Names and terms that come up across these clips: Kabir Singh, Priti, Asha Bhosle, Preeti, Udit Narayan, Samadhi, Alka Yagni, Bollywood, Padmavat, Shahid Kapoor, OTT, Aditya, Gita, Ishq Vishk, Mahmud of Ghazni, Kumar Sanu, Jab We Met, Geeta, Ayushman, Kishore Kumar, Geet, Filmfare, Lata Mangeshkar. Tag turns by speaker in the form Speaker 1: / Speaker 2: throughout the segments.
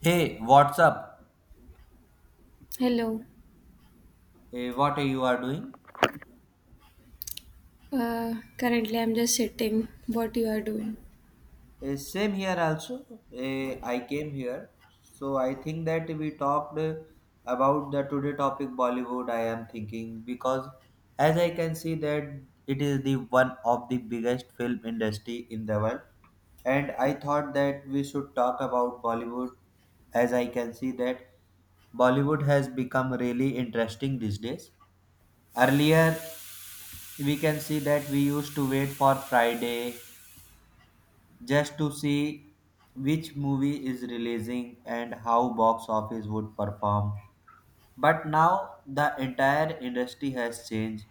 Speaker 1: Hey, what's up?
Speaker 2: Hello.
Speaker 1: What are you are doing?
Speaker 2: Currently, I'm just sitting. What you are doing?
Speaker 1: Same here also. I came here, so I think that we talked about the today topic Bollywood. I am thinking because as I can see that it is the one of the biggest film industry in the world, and I thought that we should talk about Bollywood. As I can see that Bollywood has become really interesting these days. Earlier, we can see that we used to wait for Friday just to see which movie is releasing and how box office would perform. But now the entire industry has changed.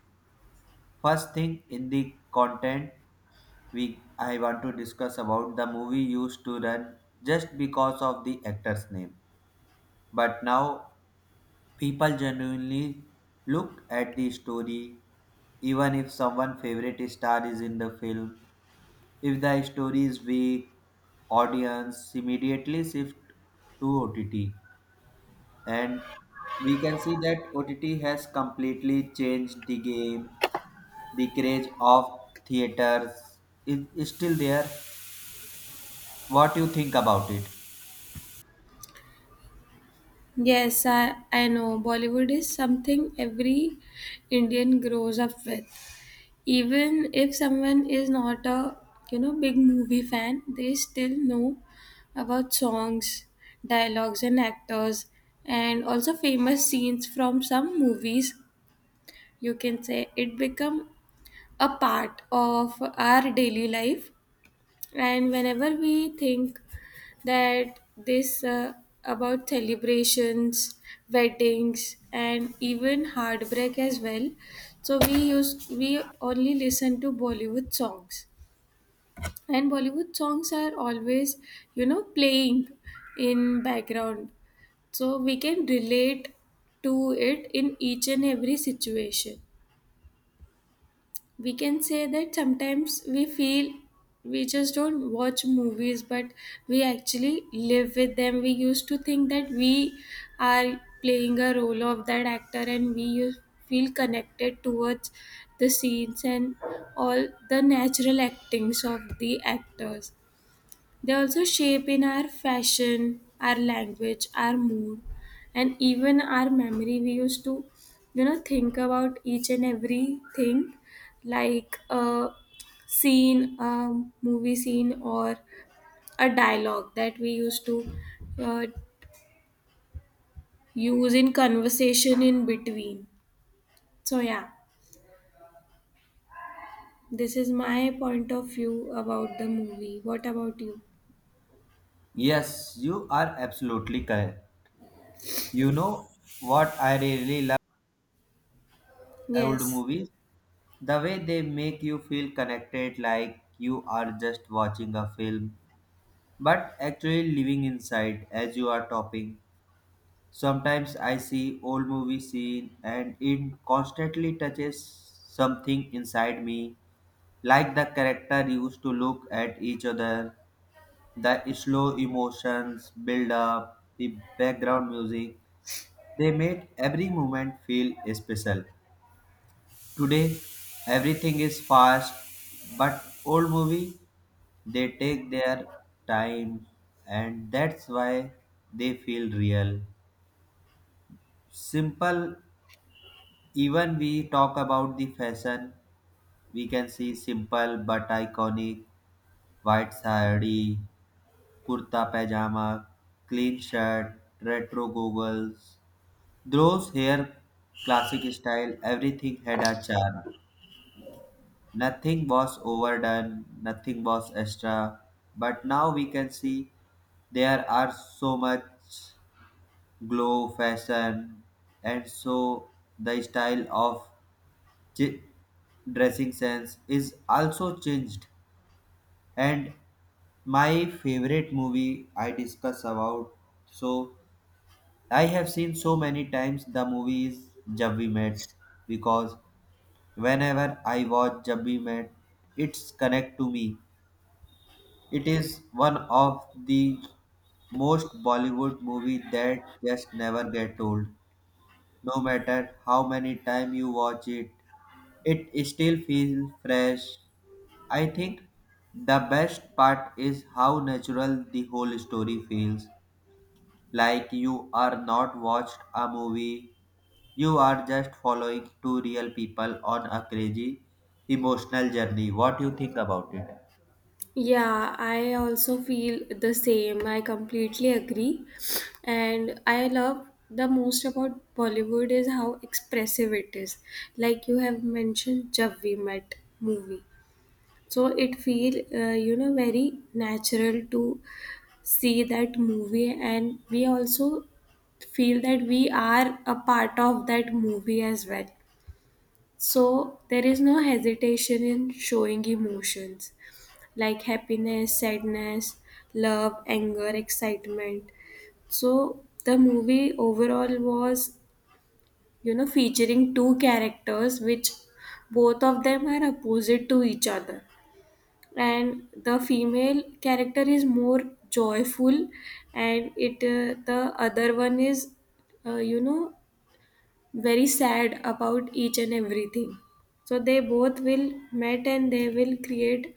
Speaker 1: First thing in the content we I want to discuss about the movie used to run just because of the actor's name. But now people genuinely look at the story even if someone favorite star is in the film. If the story is weak, audience immediately shift to OTT, and we can see that OTT has completely changed the game. The craze of theaters is still there. What you think about it?
Speaker 2: Yes, I know Bollywood is something every Indian grows up with. Even if someone is not a big movie fan, they still know about songs, dialogues, and actors, and also famous scenes from some movies. You can say it become a part of our daily life, and whenever we think that this about celebrations weddings and even heartbreak as well, so we only listen to bollywood songs, and bollywood songs are always playing in background, so we can relate to it in each and every situation. We can say that sometimes we feel we just don't watch movies, but we actually live with them. We used to think that we are playing a role of that actor, and feel connected towards the scenes and all the natural actings of the actors. They also shape in our fashion, our language, our mood, and even our memory. We used to think about each and everything, like a scene, a movie scene, or a dialogue that we used to uh, use in conversation in between. So yeah, this is my point of view about the movie. What about you?
Speaker 1: Yes, you are absolutely correct. You know what I really love old
Speaker 2: Yes.
Speaker 1: movies? The way they make you feel connected like you are just watching a film but actually living inside as you are talking. Sometimes I see old movie scene and it constantly touches something inside me, like the character used to look at each other, the slow emotions build up, the background music. They made every moment feel special. Today, everything is fast, but old movie they take their time, and that's why they feel real. Simple, even we talk about the fashion, we can see simple but iconic white sari, kurta pajama, clean shirt, retro goggles. Those hair, classic style, everything had a charm. Nothing was overdone, nothing was extra, but now we can see there are so much glow fashion, and so the style of ch- dressing sense is also changed. And my favorite movie I discuss about, so I have seen so many times, the movie is Jab We Met, because whenever I watch Jab We Met, it's connect to me. It is one of the most Bollywood movie that just never get old. No matter how many time you watch it, it still feels fresh. I think the best part is how natural the whole story feels. Like you are not watched a movie, you are just following two real people on a crazy emotional journey. What do you think about it?
Speaker 2: Yeah, I also feel the same. I completely agree. And I love the most about Bollywood is how expressive it is. Like you have mentioned Jab We Met movie. So it feel very natural to see that movie, and we also feel that we are a part of that movie as well. So there is no hesitation in showing emotions like happiness, sadness, love, anger, excitement. So the movie overall was featuring two characters which both of them are opposite to each other. And the female character is more joyful, and it the other one is, uh, you know, very sad about each and everything. So they both will met, and they will create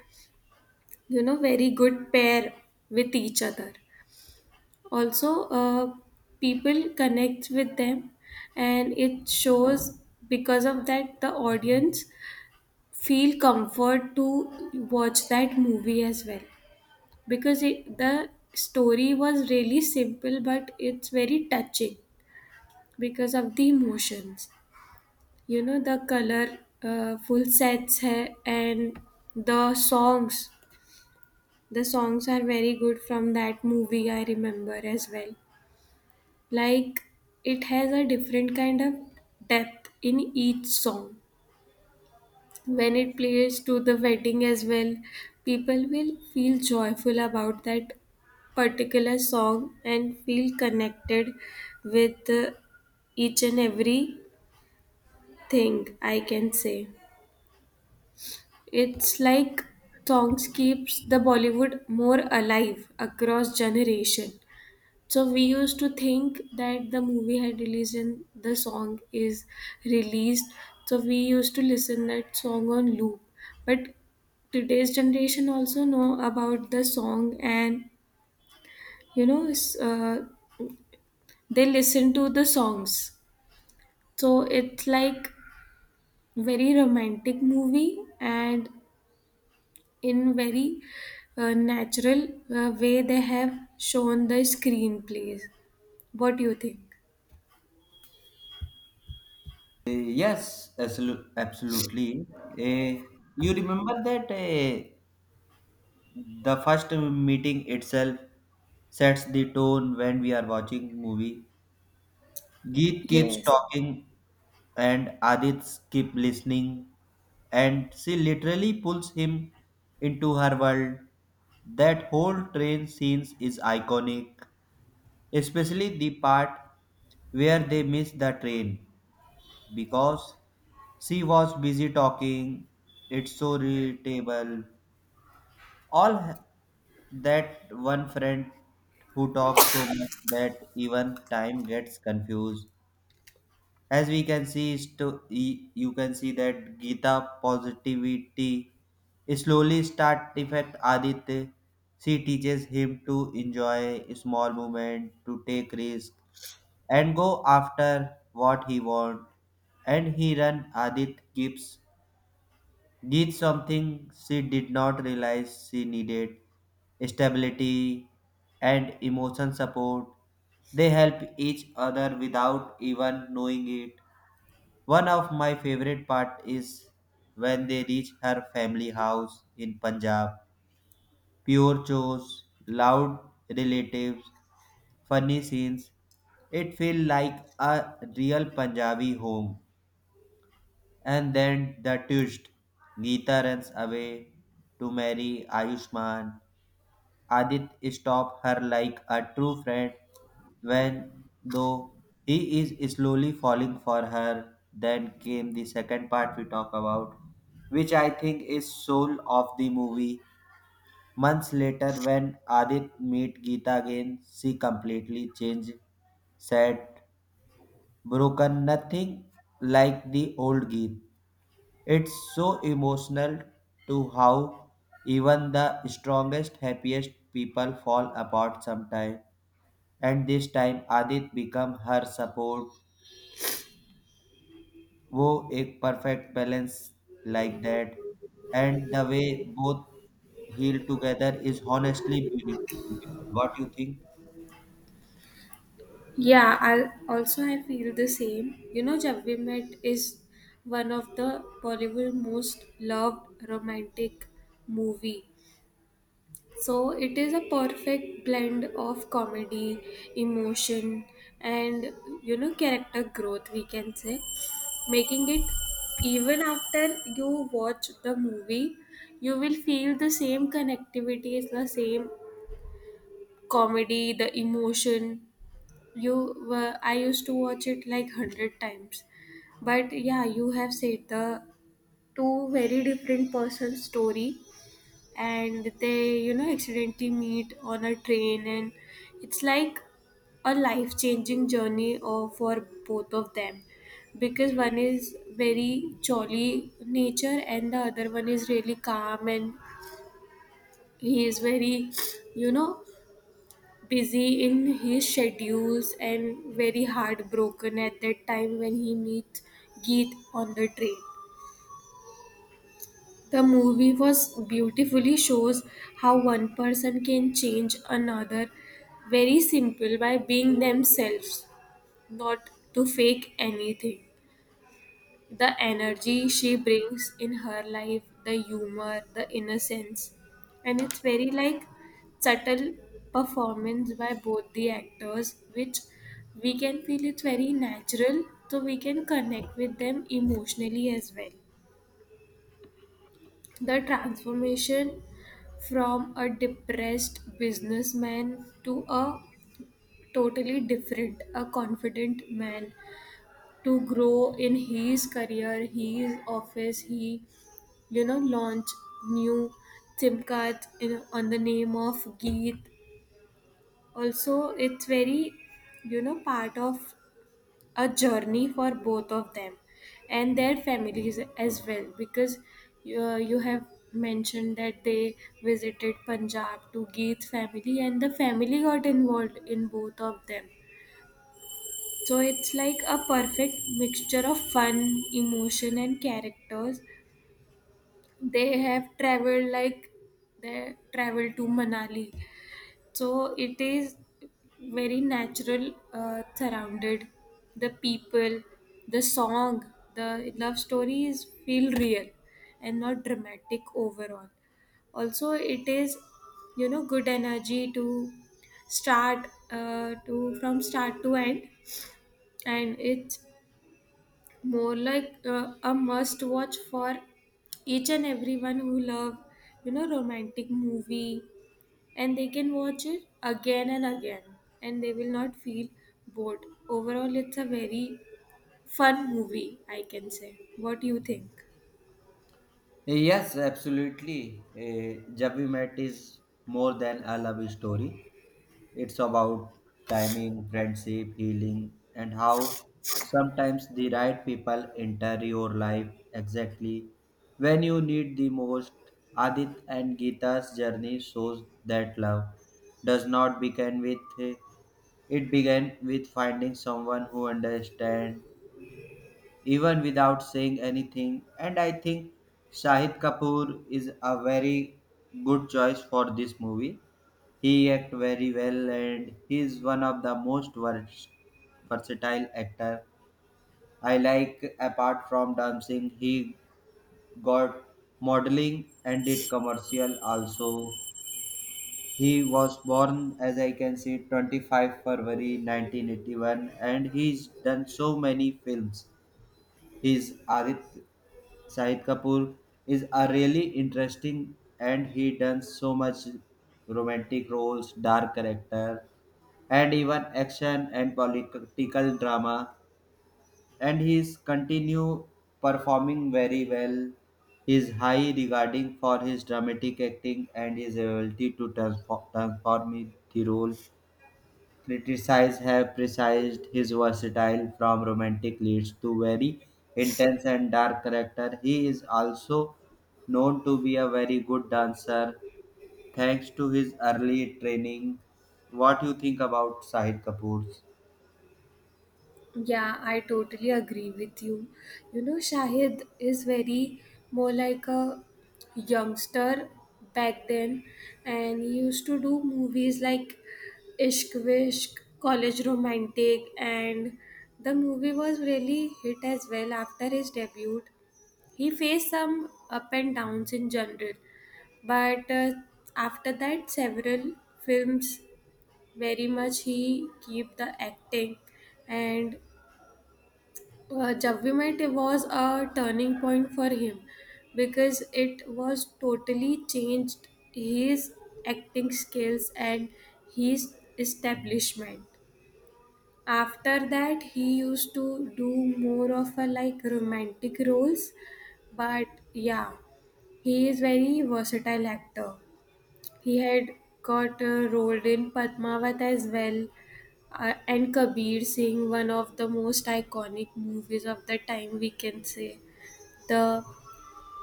Speaker 2: very good pair with each other. Also, people connect with them, and it shows. Because of that, the audience feel comfort to watch that movie as well, because the story was really simple, but it's very touching because of the emotions, the color, full sets hai, and the songs. The songs are very good from that movie, I remember as well. Like, it has a different kind of depth in each song. When it plays to the wedding as well, people will feel joyful about that particular song and feel connected with each and every thing, I can say. It's like songs keeps the Bollywood more alive across generation. So we used to think that the movie had released and the song is released. So we used to listen that song on loop. But today's generation also know about the song, and you know s- uh, they listen to the songs. So it's like very romantic movie, and in very natural way they have shown the screenplays. What do you think?
Speaker 1: Yes, absolutely. You remember that the first meeting itself sets the tone when we are watching movie. Geet keeps
Speaker 2: Yes.
Speaker 1: talking, and Adit keep listening, and she literally pulls him into her world. That whole train scenes is iconic, especially the part where they miss the train, because she was busy talking. It's so relatable. All h- that one friend who talks so much that even time gets confused. As we can see, you can see that Gita positivity slowly start affect Aditya. She teaches him to enjoy small moment, to take risk, and go after what he want, and he run Adit gibbs did something she did not realize she needed: stability and emotion support. They help each other without even knowing it. One of my favorite part is when they reach her family house in Punjab, pure chores, loud relatives, funny scenes. It felt like a real Punjabi home. And then the twist. Geeta runs away to marry Ayushman. Adit stops her like a true friend when though he is slowly falling for her. Then came the second part we talk about, which I think is soul of the movie. Months later, when Adit meet Geeta again, she completely changed, sad, broken, nothing like the old Geet. It's so emotional to how even the strongest, happiest people fall apart sometime. And this time Adit become her support. वो एक perfect balance like that. And the way both heal together is honestly beautiful. What do you think?
Speaker 2: Yeah, I feel the same. You know, Jab We Met is one of the Bollywood most loved romantic movie. So it is a perfect blend of comedy, emotion, and character growth. We can say, making it even after you watch the movie, you will feel the same connectivity, is the same comedy, the emotion. You were I used to watch it like 100 times, but yeah, you have said the two very different person story, and they accidentally meet on a train, and it's like a life changing journey for both of them, because one is very jolly nature and the other one is really calm, and he is very you know busy in his schedules and very heartbroken at that time when he meets Geet on the train. The movie was beautifully shows how one person can change another very simple by being themselves, not to fake anything. The energy she brings in her life, the humor, the innocence, and it's very like subtle performance by both the actors, which we can feel it's very natural, so we can connect with them emotionally as well. The transformation from a depressed businessman to a totally different, a confident man, to grow in his career, his office, he launch new SIM card in on the name of geet. Also, it's very part of a journey for both of them and their families as well, because you have mentioned that they visited punjab to geet's family, and the family got involved in both of them. So it's like a perfect mixture of fun, emotion, and characters. They have traveled like they traveled to manali. So it is very natural, surrounded the people, the song, the love stories feel real and not dramatic overall. Also, it is good energy to start, to from start to end. And it's more like a must watch for each and everyone who love romantic movie, and they can watch it again and again, and they will not feel bored. Overall, it's a very fun movie, I can say. What do you think?
Speaker 1: Yes, absolutely. Jab We Met is more than a love story. It's about timing, friendship, healing, and how sometimes the right people enter your life exactly when you need the most. Adit and Gita's journey shows that love does not begin with it began with finding someone who understands even without saying anything. And I think Shahid Kapoor is a very good choice for this movie. He act very well, and he is one of the most versatile actor. I like apart from dancing, he got modeling and did commercial also. He was born, as I can see, 25 February 1981, and he's done so many films. His Adit Shahid Kapoor is a really interesting, and he does so much romantic roles, dark character, and even action and political drama. And he's continue performing very well. His high regarding for his dramatic acting and his ability to transform the role. Criticized Have criticized his versatile from romantic leads to very intense and dark character. He is also known to be a very good dancer thanks to his early training. What you think about Shahid Kapoor's?
Speaker 2: Yeah, I totally agree with you. You know, shahid is very more like a youngster back then, and he used to do movies like Ishq Vishk, College Romantic, and the movie was really hit as well after his debut. He faced some up and downs in general, but after that, several films very much he keep the acting, and Jab We Met was a turning point for him, because it was totally changed his acting skills and his establishment. After that, he used to do more of a like romantic roles, but yeah, he is very versatile actor. He had got a role in Padmavat as well, and Kabir Singh one of the most iconic movies of the time, we can say. The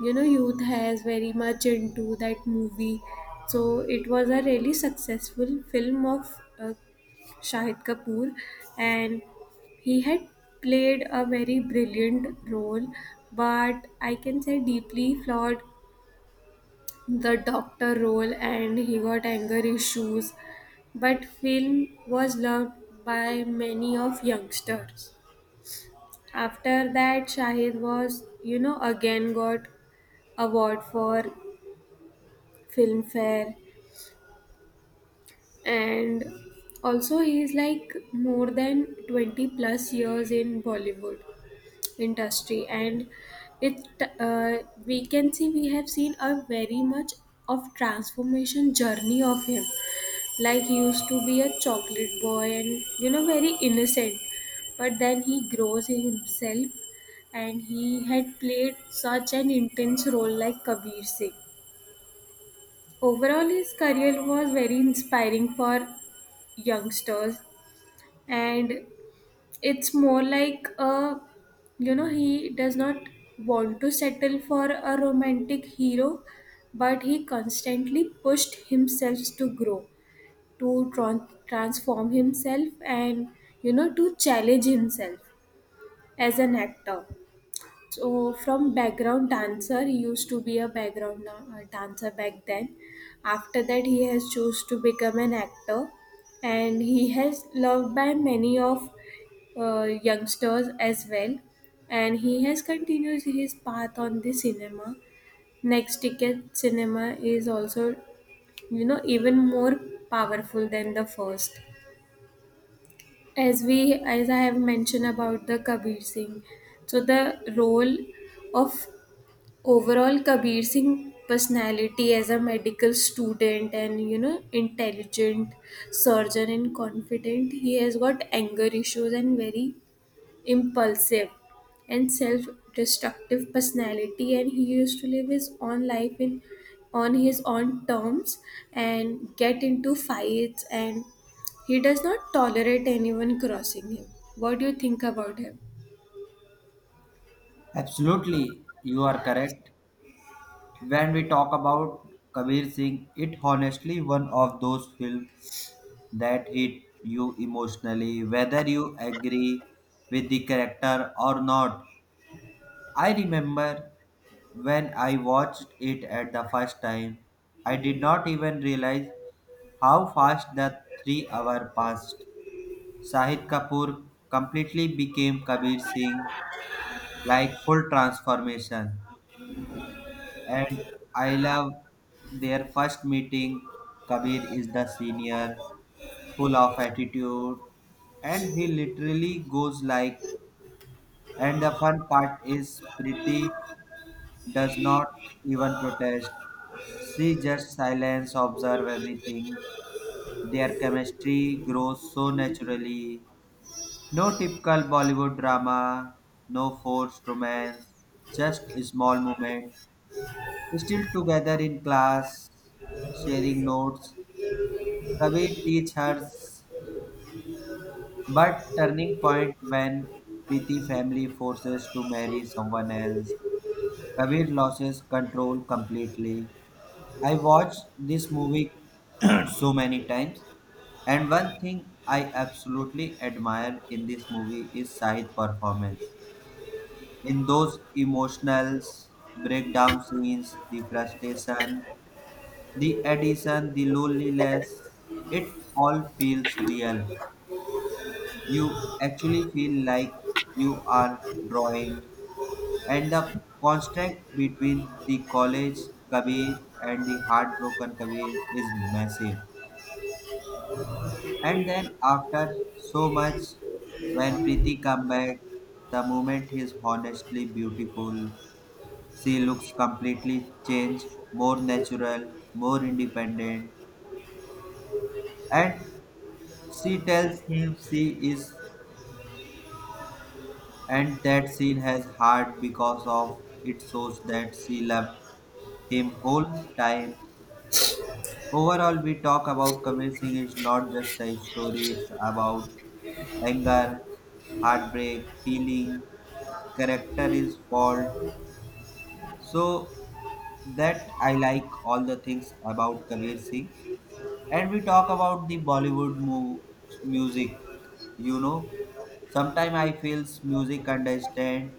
Speaker 2: youth has very much into that movie, so it was a really successful film of Shahid Kapoor, and he had played a very brilliant role, but I can say deeply flawed the doctor role, and he got anger issues. But film was loved by many of youngsters. After that, Shahid was again got award for Filmfare, and also he is like more than 20 plus years in Bollywood industry. And it uh, we can see we have seen a very much of transformation journey of him. Like he used to be a chocolate boy and very innocent, but then he grows in himself, and he had played such an intense role like Kabir Singh. Overall, his career was very inspiring for youngsters. And it's more like a, he does not want to settle for a romantic hero, but he constantly pushed himself to grow, to transform himself, and to challenge himself as an actor. So from background dancer, he used to be a background dancer back then. After that, he has chose to become an actor, and he has loved by many of youngsters as well, and he has continued his path on the cinema. Next Ticket Cinema is also even more powerful than the first. As I have mentioned about the Kabir Singh, so the role of overall Kabir Singh personality as a medical student, and intelligent surgeon and confident, he has got anger issues, and very impulsive and self destructive personality. And he used to live his own life in on his own terms, and get into fights, and he does not tolerate anyone crossing him. What do you think about him?
Speaker 1: Absolutely, you are correct. When we talk about Kabir Singh, it honestly one of those films that hit you emotionally, whether you agree with the character or not. I remember when I watched it at the first time, I did not even realize how fast the 3 hour passed. Shahid Kapoor completely became Kabir Singh, like full transformation. And I love their first meeting. Kabir is the senior, full of attitude, and he literally goes like, and the fun part is Priti does not even protest. She just silence, observe everything. Their chemistry grows so naturally. No typical Bollywood drama, no forced romance, just a small moment. Still together in class, sharing notes. Kabir teach her, but turning point when Preeti family forces to marry someone else. Kabir loses control completely. I watched this movie so many times. And one thing I absolutely admire in this movie is Sahid performance. In those emotional breakdown scenes, the frustration, the addition, the loneliness, it all feels real. You actually feel like you are drawing, and the contrast between the college Kabir and the heartbroken Kabir is massive. And then after so much, when Preeti come back, the moment is honestly beautiful. She looks completely changed, more natural, more independent, and she tells him she is, and that scene has heart because of it shows that she loved him whole time. Overall, we talk about Kabir Singh is not just a story; it's about anger, heartbreak, healing, character is fault. So that I like all the things about Kabir Singh. And we talk about the Bollywood music. you know Sometimes I feels music understand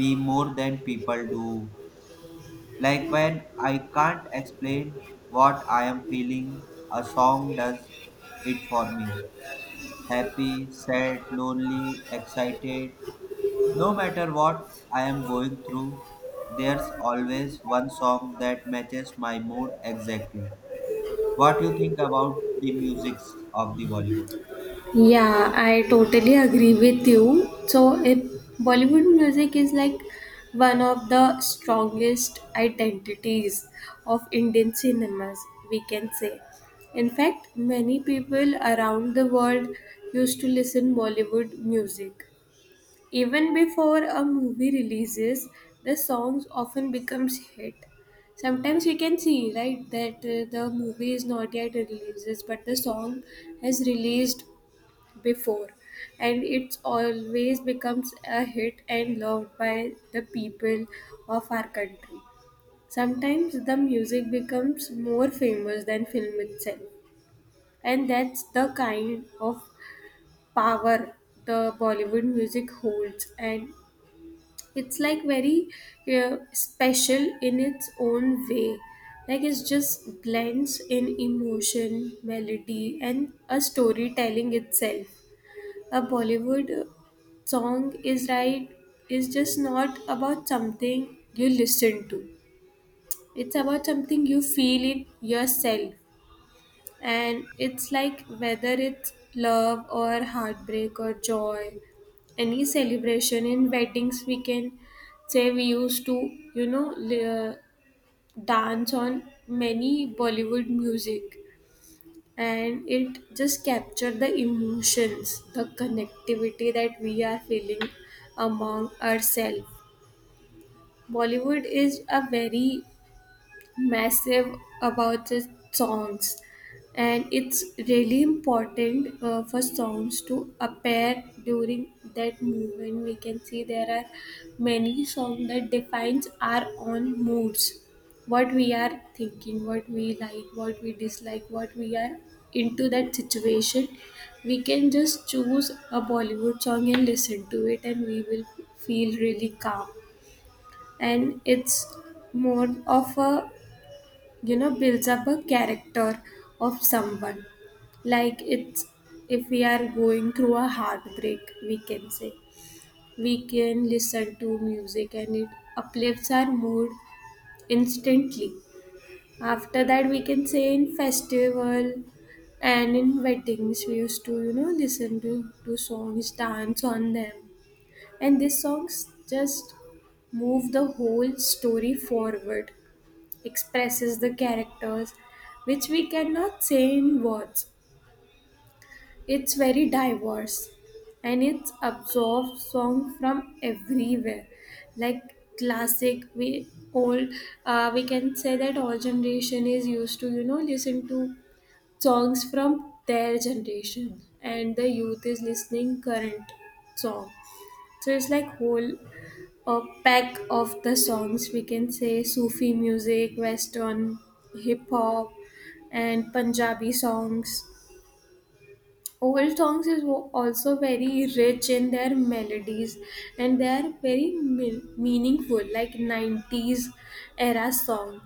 Speaker 1: me more than people do. Like when I can't explain what I am feeling, a song does it for me. Happy, sad, lonely, excited, no matter what I am going through, there's always one song that matches my mood exactly. What do you think about the musics of the Bollywood?
Speaker 2: Yeah, I totally agree with you. So, if Bollywood music is like one of the strongest identities of Indian cinemas, we can say. In fact, many people around the world used to listen Bollywood music. Even before a movie releases, the songs often becomes hit. Sometimes we can see, right, that the movie is not yet releases, but the song has released before, and it's always becomes a hit, and loved by the people of our country. Sometimes the music becomes more famous than film itself, and that's the kind of power the Bollywood music holds. And it's like very special in its own way. Like it just blends in emotion, melody, and a storytelling itself. A Bollywood song is, right, is just not about something you listen to. It's about something you feel it yourself. And it's like whether it's love or heartbreak or joy, any celebration in weddings, we can say, we used to, you know, li- uh, dance on many Bollywood music, and it just captured the emotions, the connectivity, that we are feeling among ourselves. Bollywood is a very massive about the songs, and it's really important, for songs to appear during that movement. We can see there are many songs that defines our own moods, what we are thinking, what we like, what we dislike, what we are into that situation. We can just choose a Bollywood song and listen to it, and we will feel really calm. And it's more of a, builds up a character of someone, like it's, if we are going through a heartbreak, we can say we can listen to music, and it uplifts our mood instantly. After that, we can say in festival and in weddings, we used to listen to, songs, dance on them, and these songs just move the whole story forward, expresses the characters, which we cannot say in words. It's very diverse, and it absorbs song from everywhere, like classic, we old. We can say that all generation is used to listen to songs from their generation, and the youth is listening current song. So it's like whole a pack of the songs, we can say Sufi music, Western, hip hop, and Punjabi songs. Old songs is also very rich in their melodies, and they are very meaningful, like 90s era song.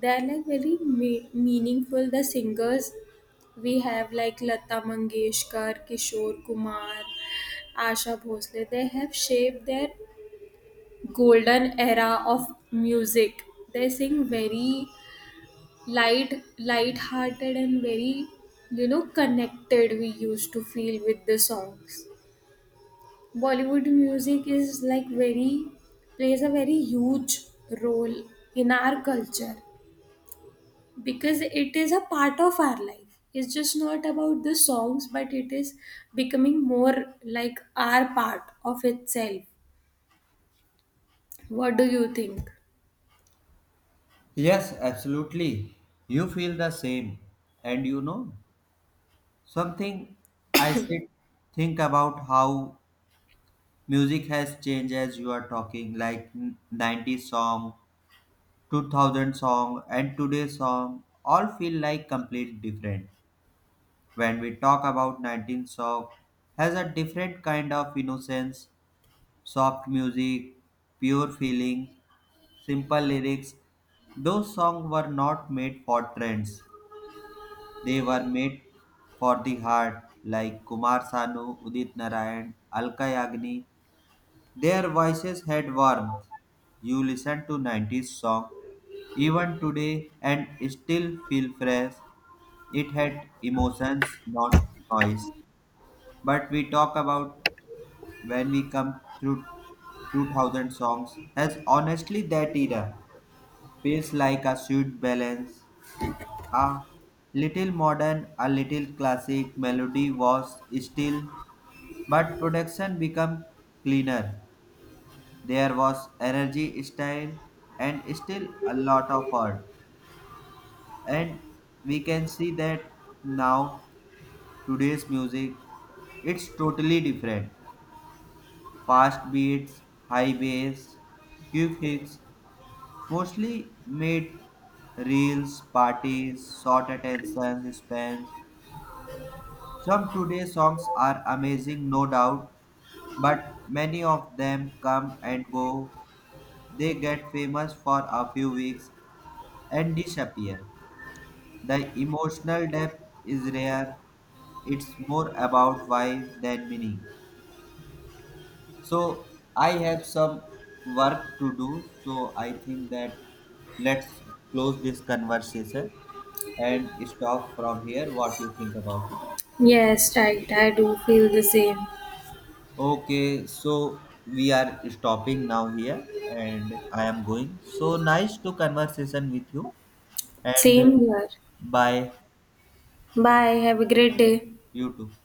Speaker 2: They are like very meaningful. The singers we have like Lata Mangeshkar, Kishore Kumar, Asha Bhosle, they have shaped their golden era of music. They sing very light, light-hearted, and very connected. We used to feel with the songs. Bollywood music is like very plays a very huge role in our culture, because it is a part of our life. It's just not about the songs, but it is becoming more like our part of itself. What do you think?
Speaker 1: Yes, absolutely. You feel the same. And something I said, think about how music has changed as you are talking, like 90s song, 2000 song, and today's song all feel like complete different. When we talk about 19 song, has a different kind of innocence, soft music, pure feeling, simple lyrics. Those songs were not made for trends. They were made for the heart, like Kumar Sanu, Udit Narayan, Alka Yagni. Their voices had warmth. You listen to 90s song even today and still feel fresh. It had emotions, not noise. But we talk about when we come through 2000 songs, as honestly that era feels like a sweet balance. A little modern, a little classic, melody was still, but production became cleaner. There was energy, style, and still a lot of art. And we can see that now today's music it's totally different. Fast beats, high bass, quick hits, mostly made reels, parties, short attention spans. Some today songs are amazing, no doubt, but many of them come and go. They get famous for a few weeks and disappear. The emotional depth is rare. It's more about vibe than meaning. So I have some work to do. So I think that let's close this conversation and stop from here. What you think about it?
Speaker 2: Yes, right. I do feel the same.
Speaker 1: Okay, so we are stopping now here, and I am going. So nice to conversation with you, and
Speaker 2: Same here.
Speaker 1: bye,
Speaker 2: Bye. Have a great day.
Speaker 1: you too.